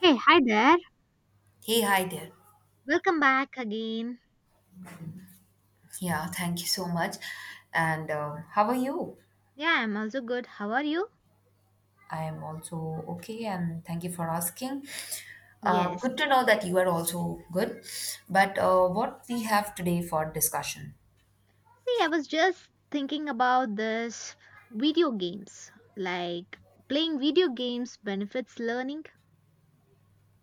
Hey, hi there. Hey, hi there. Welcome back again. Yeah, thank you so much. And how are you? Yeah, I'm also good. How are you? I am also okay, and thank you for asking. Yes. Good to know that you are also good. But what we have today for discussion? See, I was just thinking about this video games. Like playing video games benefits learning.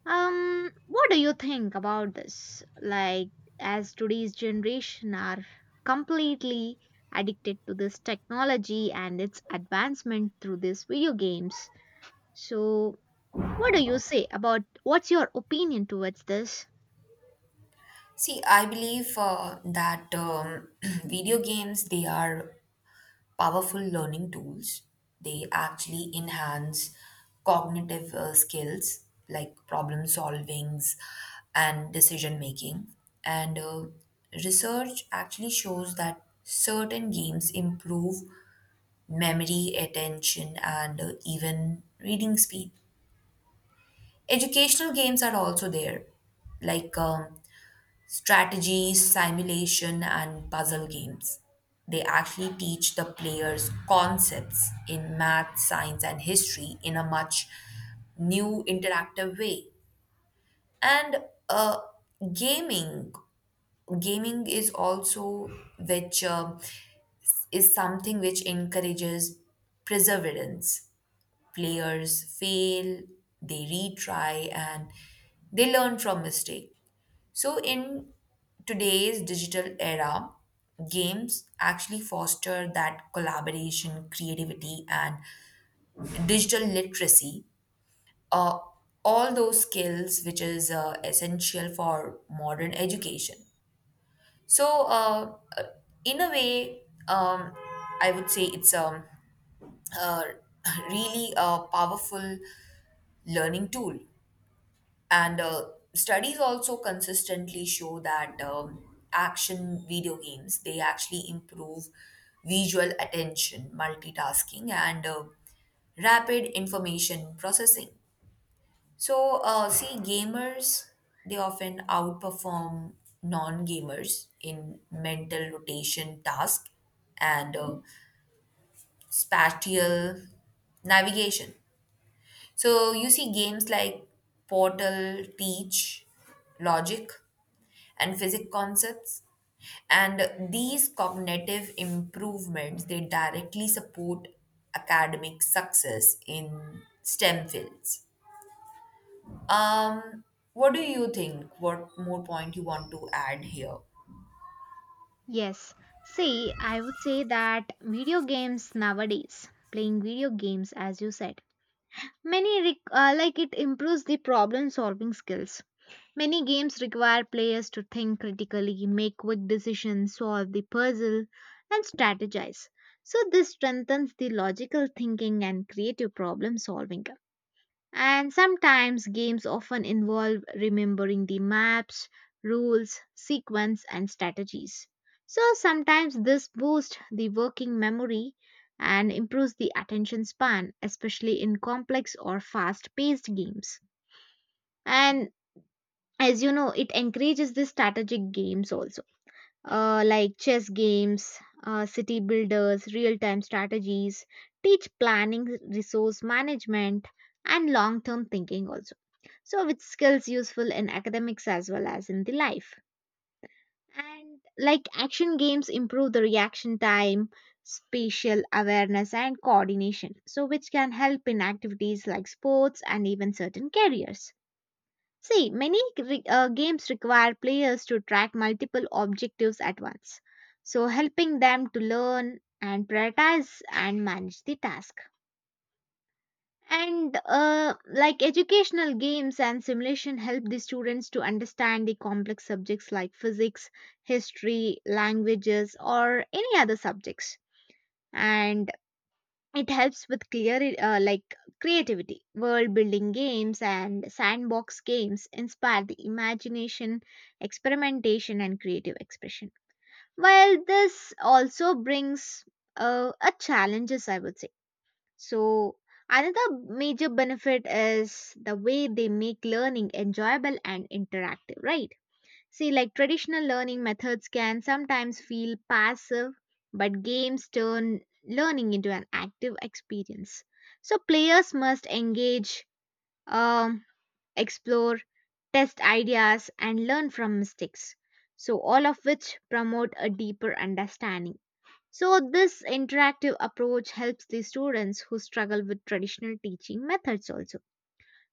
What do you think about this? Like as today's generation are completely addicted to this technology and its advancement through these video games. So, what do you say about what's your opinion towards this? See, I believe that video games they are powerful learning tools. They actually enhance cognitive skills like problem solvings and decision making. And Research actually shows that certain games improve memory, attention, and even reading speed. Educational games are also there, like strategy, simulation, and puzzle games. They actually teach the players concepts in math, science, and history in a much new interactive way. And uh, gaming, gaming is also which is something which encourages perseverance. Players fail, they retry, and they learn from mistake. So, in today's digital era, games actually foster that collaboration, creativity, and digital literacy. Uh, all those skills which is essential for modern education. So, in a way, um, I would say it's a really a powerful learning tool. And Studies also consistently show that action video games they actually improve visual attention, multitasking, and rapid information processing. So, see, gamers they often outperform non-gamers in mental rotation task and spatial navigation. So you see games like Portal teach logic and physics concepts, and these cognitive improvements they directly support academic success in stem fields. um what do you think, what more point you want to add here? Yes. See, I would say that video games nowadays, playing video games as you said, like it improves the problem solving skills. Many games require players to think critically, make quick decisions, solve the puzzle, and strategize. So this strengthens the logical thinking and creative problem solving. And sometimes games often involve remembering the maps, rules, sequence, and strategies. So sometimes this boosts the working memory and improves the attention span, especially in complex or fast paced games. And as you know, it encourages the strategic games also, like chess games, city builders, real time strategies, teach planning, resource management, and long term thinking also. So, with skills useful in academics as well as in the life. And like action games improve the reaction time, spatial awareness, and coordination. So, which can help in activities like sports and even certain careers. See, games require players to track multiple objectives at once. So, helping them to learn and prioritize and manage the task. And Like educational games and simulation help the students to understand the complex subjects like physics, history, languages, or any other subjects. And it helps with clear like creativity. World building games and sandbox games inspire the imagination, experimentation, and creative expression. While this also brings a challenges, I would say so, another major benefit is the way they make learning enjoyable and interactive, right? See, like traditional learning methods can sometimes feel passive, but games turn learning into an active experience. So, players must engage, um, explore, test ideas, and learn from mistakes. So, all of which promote a deeper understanding. So, this interactive approach helps the students who struggle with traditional teaching methods also.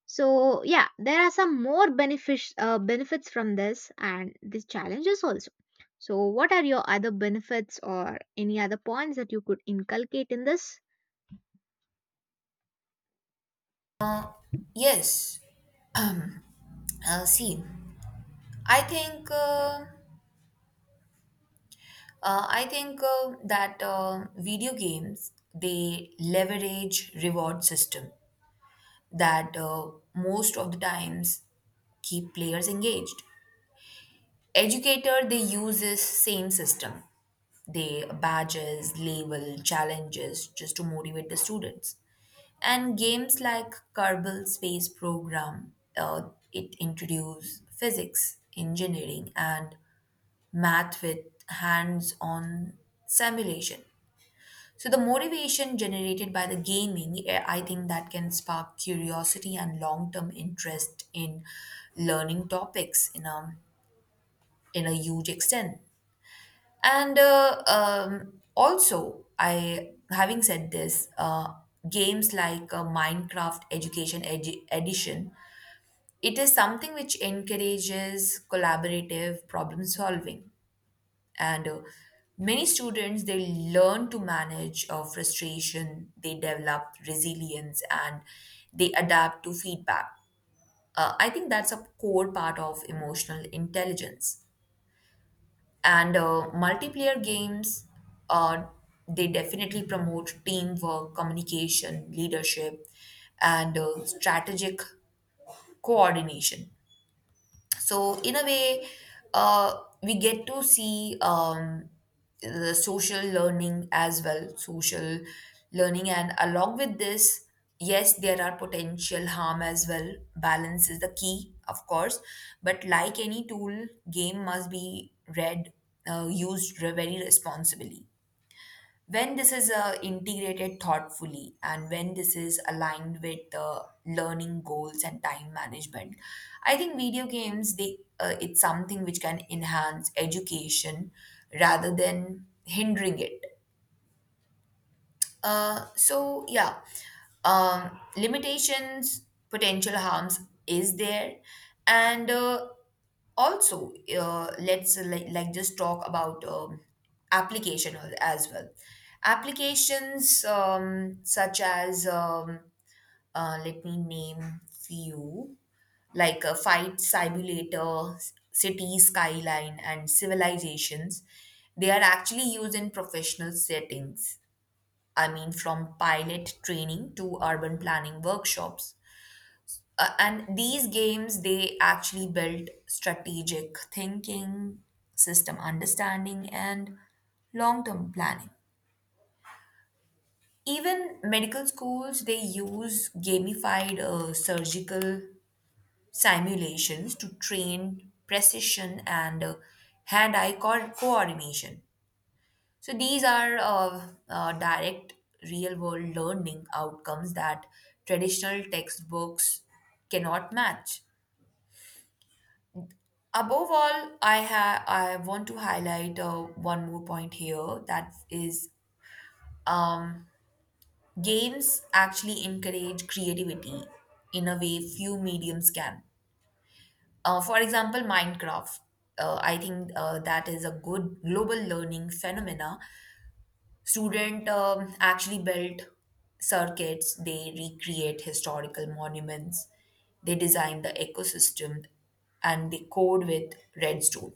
So, yeah, there are some more benefits from this and the challenges also. So, what are your other benefits or any other points that you could inculcate in this? Yes. Um. See, I think uh, I think that video games they leverage reward system that most of the times keep players engaged. Educator, they use this same system. They badges, label, challenges just to motivate the students. And games like Kerbal Space Program, it introduce physics, engineering, and math with hands-on simulation. So the motivation generated by the gaming, I think that can spark curiosity and long-term interest in learning topics in a huge extent. And Also, I having said this, games like Minecraft Education Edition, it is something which encourages collaborative problem solving, and many students they learn to manage frustration, they develop resilience, and they adapt to feedback. I think that's a core part of emotional intelligence. And multiplayer games uh, they definitely promote teamwork, communication, leadership, and strategic coordination. So in a way, uh, we get to see the social learning. And along with this, yes, there are potential harm as well. Balance is the key, of course, but like any tool, game must be very responsibly. When this is integrated thoughtfully and when this is aligned with learning goals and time management, I think video games they it's something which can enhance education rather than hindering it. So, limitations, potential harms is there, and also, let's like just talk about application al- as well. Applications such as, let me name few, like a fight simulator, city skyline, and civilizations. They are actually used in professional settings. I mean, from pilot training to urban planning workshops. And these games, they actually build strategic thinking, system understanding, and long term planning. Even medical schools, they use gamified surgical simulations to train precision and hand eye coordination. So these are direct real world learning outcomes that traditional textbooks cannot match. Above all, I want to highlight one more point here, that is, um, games actually encourage creativity in a way few mediums can. For example, Minecraft. I think that is a good global learning phenomena. Student actually build circuits, they recreate historical monuments, they design the ecosystem, and they code with redstone.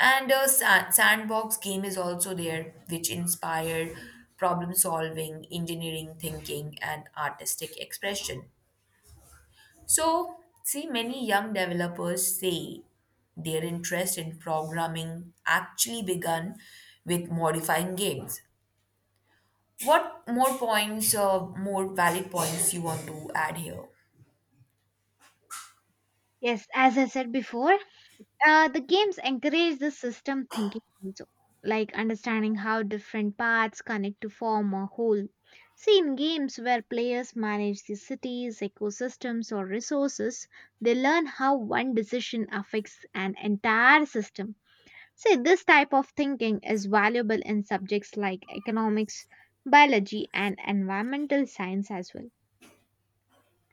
And a sandbox game is also there, which inspired problem solving, engineering thinking, and artistic expression. So, see, many young developers say their interest in programming actually began with modifying games. What more points or more valid points you want to add here? Yes, as I said before, the games encourage the system thinking also, like understanding how different parts connect to form a whole. See, in games where players manage the cities, ecosystems, or resources, they learn how one decision affects an entire system. See, this type of thinking is valuable in subjects like economics, biology, and environmental science as well.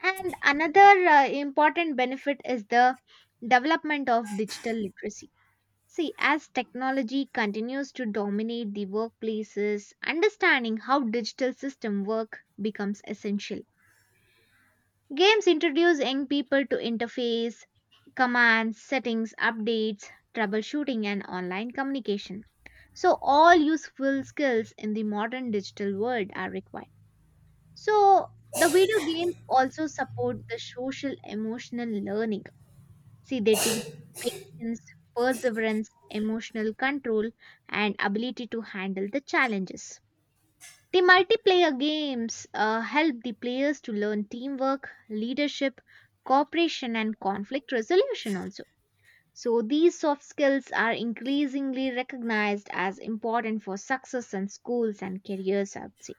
And another important benefit is the development of digital literacy. See, as technology continues to dominate the workplaces, understanding how digital system work becomes essential. Games introduce young people to interface, commands, settings, updates, troubleshooting and online communication. So all useful skills in the modern digital world are required. So the video games also support the social emotional learning. See, they teach patience, perseverance, emotional control, and ability to handle the challenges. The multiplayer games help the players to learn teamwork, leadership, cooperation, and conflict resolution also. So, these soft skills are increasingly recognized as important for success in schools and careers, I would say.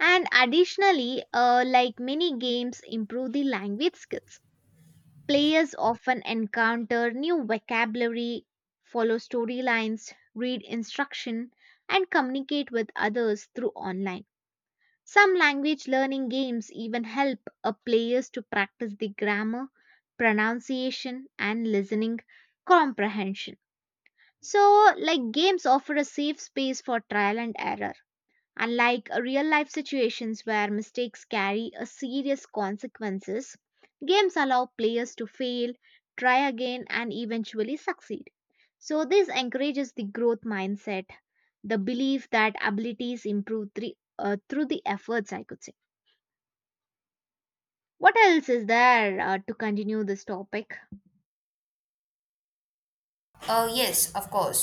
And additionally, like many games, improve the language skills. Players often encounter new vocabulary, follow storylines, read instruction, and communicate with others through online. Some language learning games even help a players to practice the grammar, pronunciation, and listening comprehension. So, like games offer a safe space for trial and error. Unlike real life situations where mistakes carry a serious consequences, games allow players to fail, try again and eventually succeed. So this encourages the growth mindset, the belief that abilities improve through the efforts I could say. What else is there to continue this topic? Yes, of course.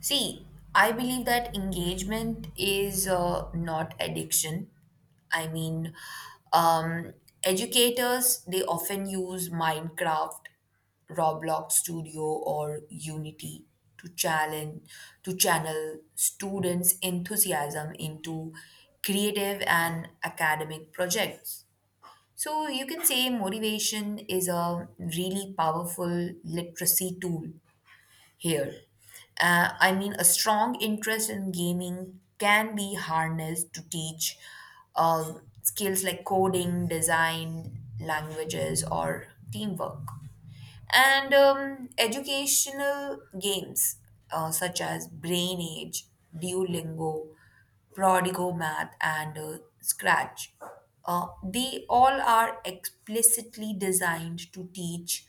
See, I believe that engagement is not addiction. I mean, um, educators they often use Minecraft, Roblox Studio, or Unity to challenge to channel students' enthusiasm into creative and academic projects. So you can say motivation is a really powerful literacy tool here. I mean, a strong interest in gaming can be harnessed to teach uh, skills like coding, design, languages, or teamwork. And educational games, such as Brain Age, Duolingo, Prodigo Math, and Scratch. They all are explicitly designed to teach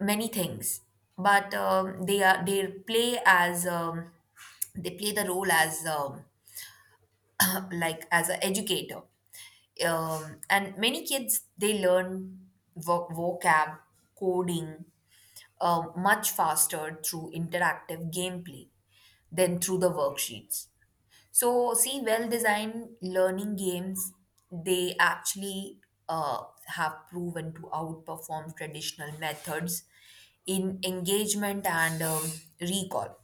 many things, but they play as, they play the role as, like as an educator. And many kids they learn vocab, coding much faster through interactive gameplay than through the worksheets. So, see, well designed learning games, they actually uh, have proven to outperform traditional methods in engagement and recall.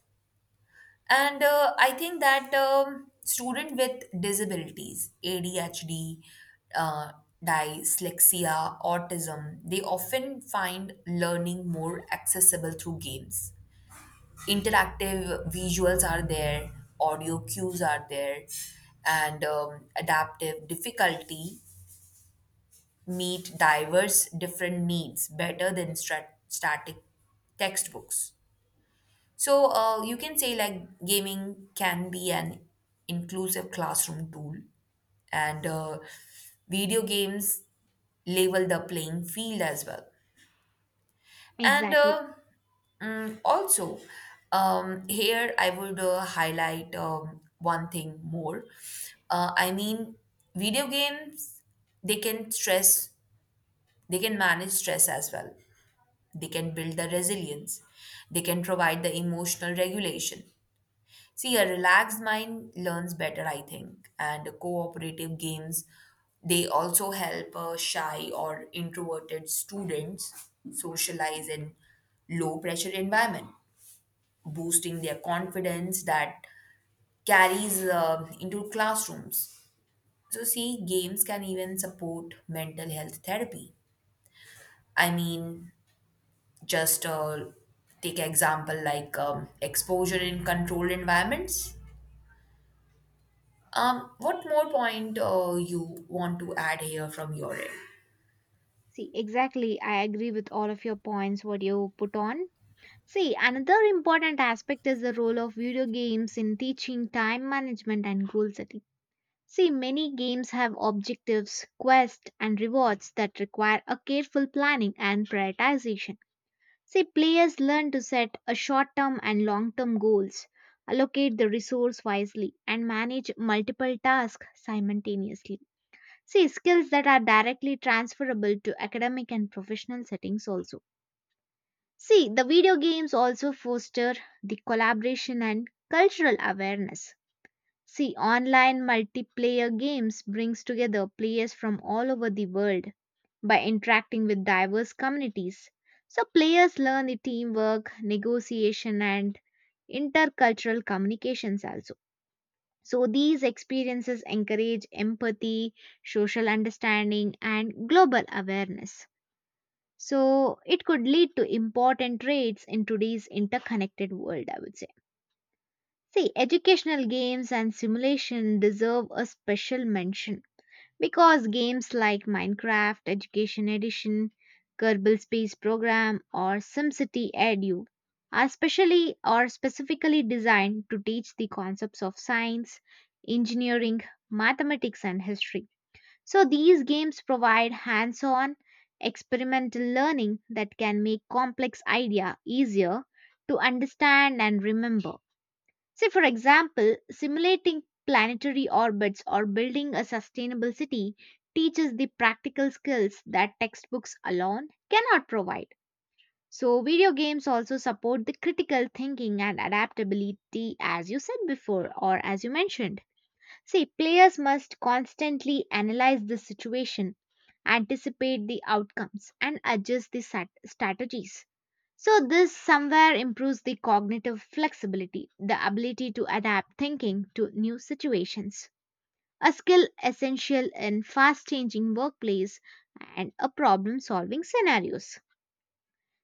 And I think that student with disabilities, ADHD, uh, dyslexia, autism, they often find learning more accessible through games. Interactive visuals are there, audio cues are there, and adaptive difficulty meet diverse different needs better than static textbooks. So you can say like gaming can be an inclusive classroom tool, and video games level the playing field as well. And Exactly. uh, Also, here I would highlight one thing more. I mean, video games they can stress, they can manage stress as well. They can build the resilience. They can provide the emotional regulation. See, a relaxed mind learns better, I think, and cooperative games they also help shy or introverted students socialize in low pressure environment, boosting their confidence that carries into classrooms. So, see, games can even support mental health therapy. I mean, just take example like exposure in controlled environments. What more point you want to add here from your end? See, exactly. I agree with all of your points what you put on. See, another important aspect is the role of video games in teaching time management and goal setting. See, many games have objectives, quests, and rewards that require a careful planning and prioritization. See, players learn to set a short term and long term goals, allocate the resource wisely, and manage multiple tasks simultaneously. See, skills that are directly transferable to academic and professional settings also. See, the video games also foster the collaboration and cultural awareness. See, online multiplayer games brings together players from all over the world by interacting with diverse communities. So players learn the teamwork, negotiation and intercultural communications also. So these experiences encourage empathy, social understanding and global awareness. So it could lead to important traits in today's interconnected world, I would say. See, educational games and simulation deserve a special mention because games like Minecraft Education Edition, Kerbal Space Program, or SimCity Edu are specially or specifically designed to teach the concepts of science, engineering, mathematics, and history. So these games provide hands-on experimental learning that can make complex idea easier to understand and remember. Say for example, simulating planetary orbits or building a sustainable city teaches the practical skills that textbooks alone cannot provide. So video games also support the critical thinking and adaptability as you said before or as you mentioned. See, players must constantly analyze the situation, anticipate the outcomes, and adjust the strategies. So, this somewhere improves the cognitive flexibility, the ability to adapt thinking to new situations, a skill essential in fast changing workplace and a problem solving scenarios.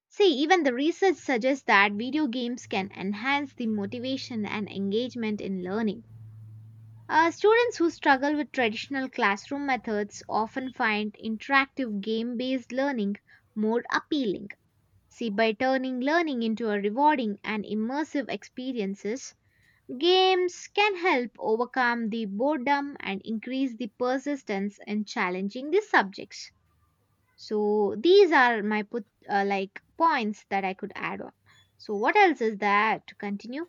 See, even the research suggests that video games can enhance the motivation and engagement in learning. Students who struggle with traditional classroom methods often find interactive game based learning more appealing. See, by turning learning into a rewarding and immersive experiences, games can help overcome the boredom and increase the persistence in challenging the subjects. So these are my like points that I could add on. So what else is there to continue?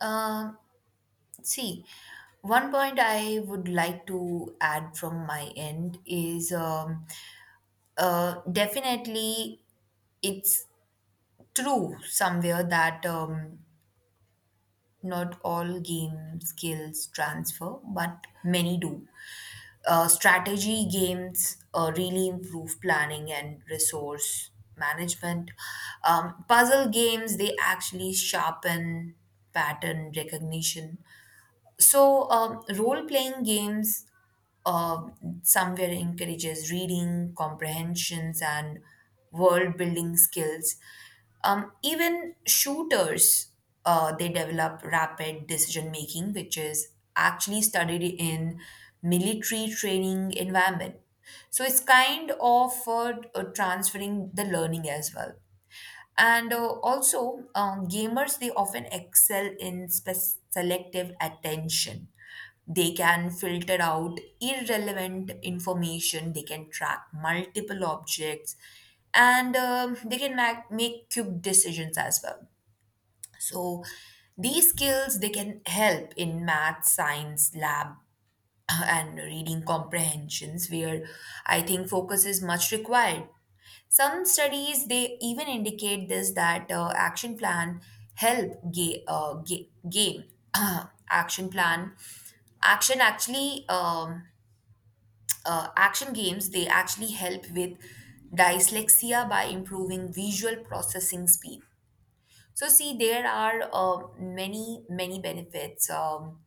Um, See, one point I would like to add from my end is, definitely it's true somewhere that not all game skills transfer, but many do. Strategy games really improve planning and resource management. Puzzle games, they actually sharpen pattern recognition. So, role playing games uh, somewhere encourages reading, comprehensions, and world building skills. Even shooters, they develop rapid decision making, which is actually studied in military training environment. So it's kind of transferring the learning as well. And Also, gamers they often excel in selective attention. They can filter out irrelevant information. They can track multiple objects, and they can make quick decisions as well. So, these skills they can help in math, science, lab and reading comprehensions where I think focus is much required. Some studies they even indicate this that action plan help ga- ga- gain action plan action actually um, action games they actually help with dyslexia by improving visual processing speed. So see, there are many many benefits, um,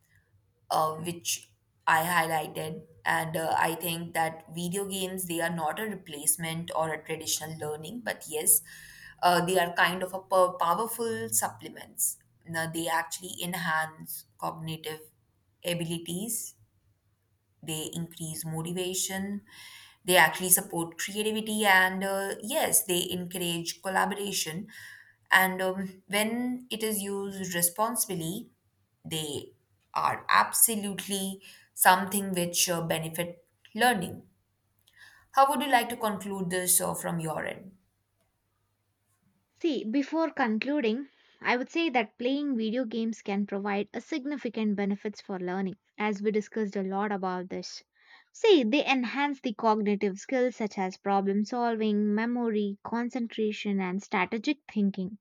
uh, which I highlighted. And I think that video games, they are not a replacement or a traditional learning, but yes, they are kind of a powerful supplements. Now, they actually enhance cognitive abilities, they increase motivation, they actually support creativity, and yes, they encourage collaboration. And When it is used responsibly, they are absolutely something which benefit learning. How would you like to conclude this from your end? See, before concluding, I would say that playing video games can provide a significant benefits for learning, as we discussed a lot about this. See, they enhance the cognitive skills such as problem solving, memory, concentration, and strategic thinking.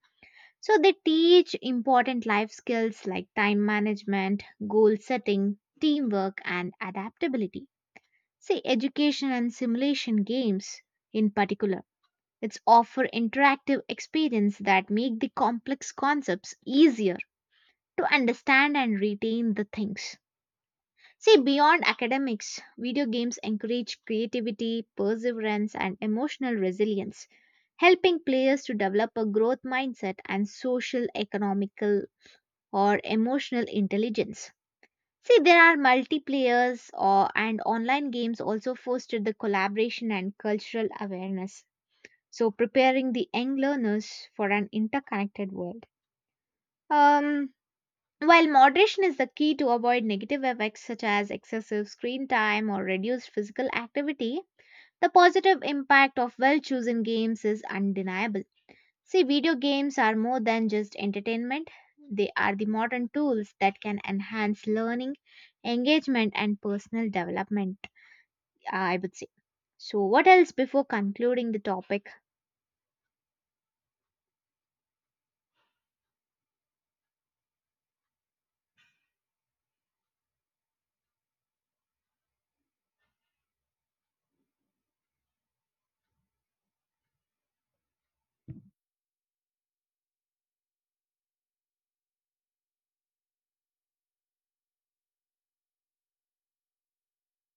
So, they teach important life skills like time management, goal setting, teamwork, and adaptability. See, education and simulation games in particular it's offer interactive experience that make the complex concepts easier to understand and retain the things. See, beyond academics, video games encourage creativity, perseverance, and emotional resilience, helping players to develop a growth mindset and social, economical, or emotional intelligence. See, there are multiplayers or, and online games also foster the collaboration and cultural awareness so preparing the young learners for an interconnected world. Um, while moderation is the key to avoid negative effects such as excessive screen time or reduced physical activity, the positive impact of well chosen games is undeniable. See, video games are more than just entertainment, they are the modern tools that can enhance learning, engagement, and personal development, I would say. So, what else before concluding the topic?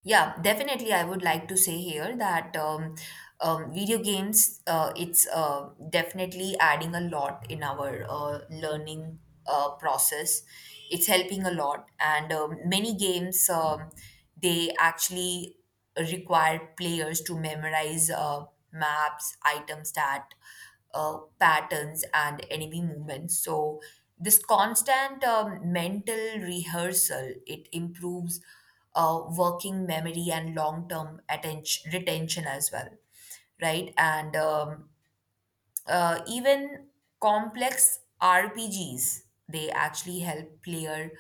Yeah, definitely. I would like to say here that, video games, it's definitely adding a lot in our learning process. It's helping a lot, and many games, they actually require players to memorize maps, item stat, patterns, and enemy movements. So this constant mental rehearsal, it improves working memory and long term attention retention as well, right? And even complex rpgs they actually help player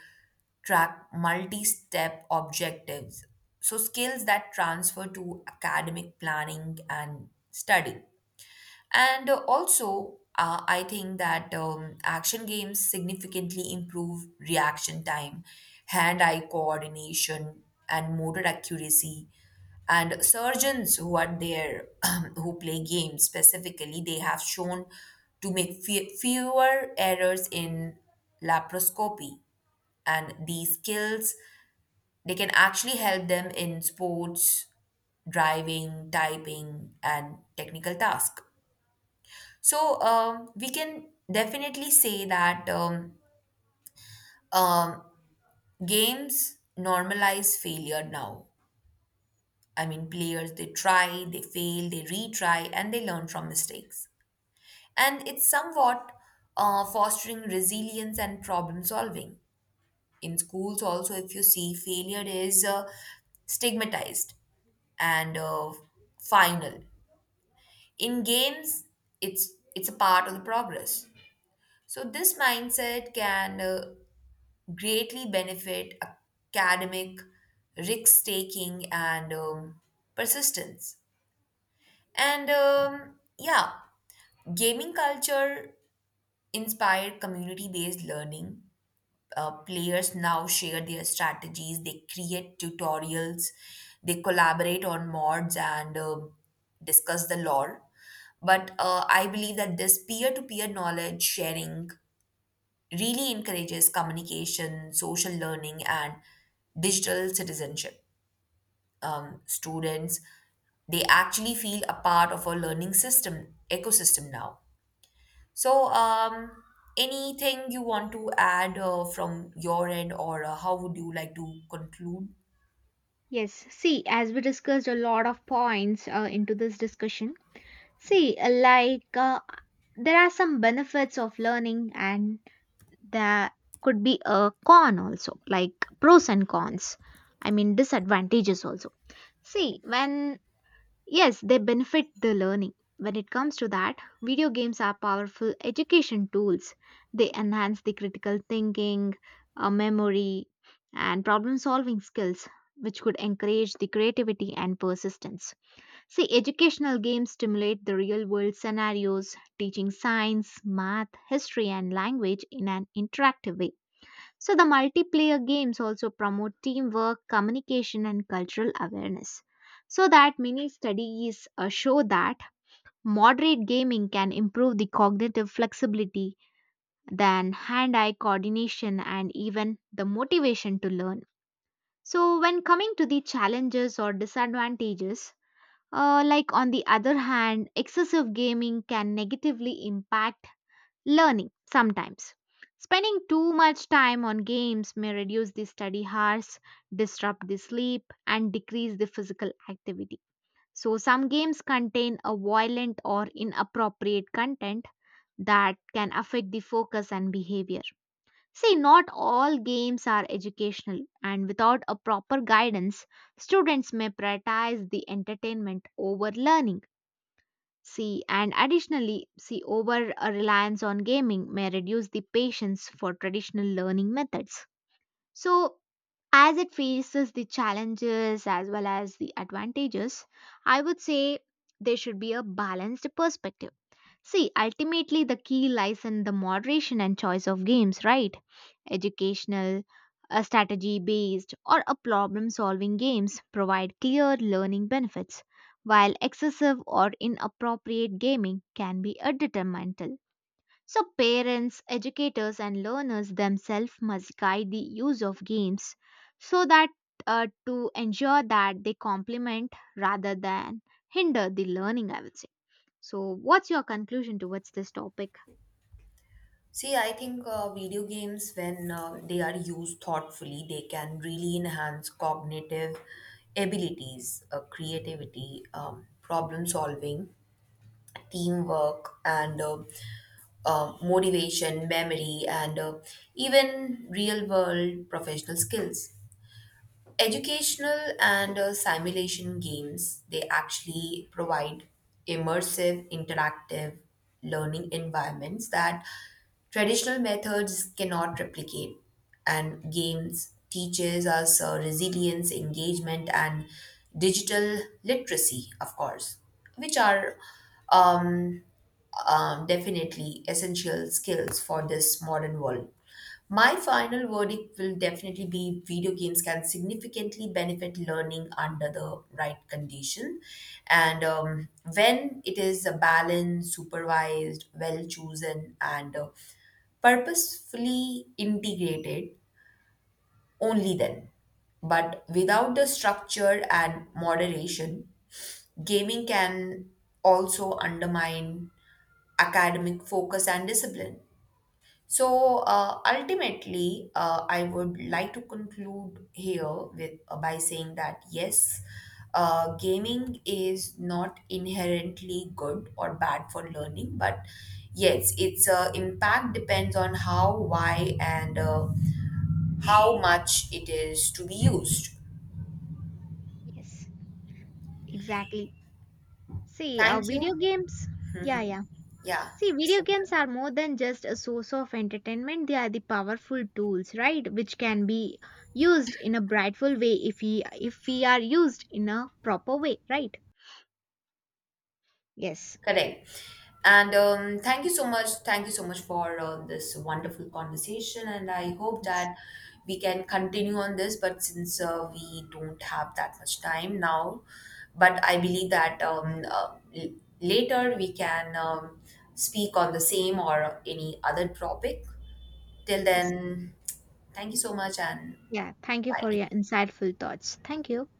track multi-step objectives, so skills that transfer to academic planning and study. And also, I think that action games significantly improve reaction time, hand eye coordination, and motor accuracy. And surgeons who are there, who play games specifically, they have shown to make fewer errors in laparoscopy. And these skills, they can actually help them in sports, driving, typing, and technical tasks. So we can definitely say that, um, games normalize failure now. I mean, players they try, they fail, they retry, and they learn from mistakes. And it's somewhat fostering resilience and problem solving. In schools, also, if you see, failure is stigmatized and final. In games, it's a part of the progress. So this mindset can greatly benefit academic risk taking and persistence. And Yeah, gaming culture inspired community based learning. Players now share their strategies, they create tutorials, they collaborate on mods and discuss the lore. But I believe that this peer to peer knowledge sharing really encourages communication, social learning, and digital citizenship. Students, they actually feel a part of a learning system ecosystem now. So, anything you want to add from your end, or how would you like to conclude? Yes, see, as we discussed a lot of points into this discussion, see, there are some benefits of learning, and there could be a con also, like pros and cons. I mean, disadvantages also. See, when yes, they benefit the learning. When it comes to that, video games are powerful education tools. They enhance the critical thinking, memory, and problem solving skills, which could encourage the creativity and persistence. See, educational games stimulate the real world scenarios, teaching science, math, history, and language in an interactive way. So, the multiplayer games also promote teamwork, communication, and cultural awareness. So, that many studies show that moderate gaming can improve the cognitive flexibility, then hand eye coordination, and even the motivation to learn. So, when coming to the challenges or disadvantages, like on the other hand, excessive gaming can negatively impact learning sometimes. Spending too much time on games may reduce the study hours, disrupt the sleep, and decrease the physical activity. So, some games contain a violent or inappropriate content that can affect the focus and behavior. See, not all games are educational, and without a proper guidance, students may prioritize the entertainment over learning. See, and additionally, see, over a reliance on gaming may reduce the patience for traditional learning methods. So, as it faces the challenges as well as the advantages, I would say there should be a balanced perspective. See, ultimately, the key lies in the moderation and choice of games, right? Educational, strategy based, or a problem solving games provide clear learning benefits, while excessive or inappropriate gaming can be a detrimental. So, parents, educators, and learners themselves must guide the use of games so that to ensure that they complement rather than hinder the learning, I would say. So, what's your conclusion towards this topic? See, I think video games, when they are used thoughtfully, they can really enhance cognitive abilities, creativity, problem solving, teamwork, and motivation, memory, and even real world professional skills. Educational and simulation games they actually provide immersive interactive learning environments that traditional methods cannot replicate. And games teaches us resilience, engagement, and digital literacy, of course, which are um, definitely essential skills for this modern world. My final verdict will definitely be, video games can significantly benefit learning under the right condition. And When it is a balanced, supervised, well chosen, and purposefully integrated, only then. But without the structure and moderation, gaming can also undermine academic focus and discipline. So ultimately, I would like to conclude here with, by saying that, yes, gaming is not inherently good or bad for learning, but yes, its impact depends on how, why, and how much it is to be used. Yes, exactly. See, Thank video you. games. Yeah, yeah. Yeah, See, you video said games are something. more than just a source of entertainment. They are the powerful tools, right? Which can be used in a brightful way if we are used in a proper way, right? Yes. Correct. And Thank you so much. Thank you so much for this wonderful conversation. And I hope Yes. that we can continue on this. But since we don't have that much time now, but I believe that, later we can, speak on the same or any other topic. Till Yes. then, thank you so much and Yeah. Thank you for bye. your insightful thoughts. Thank you.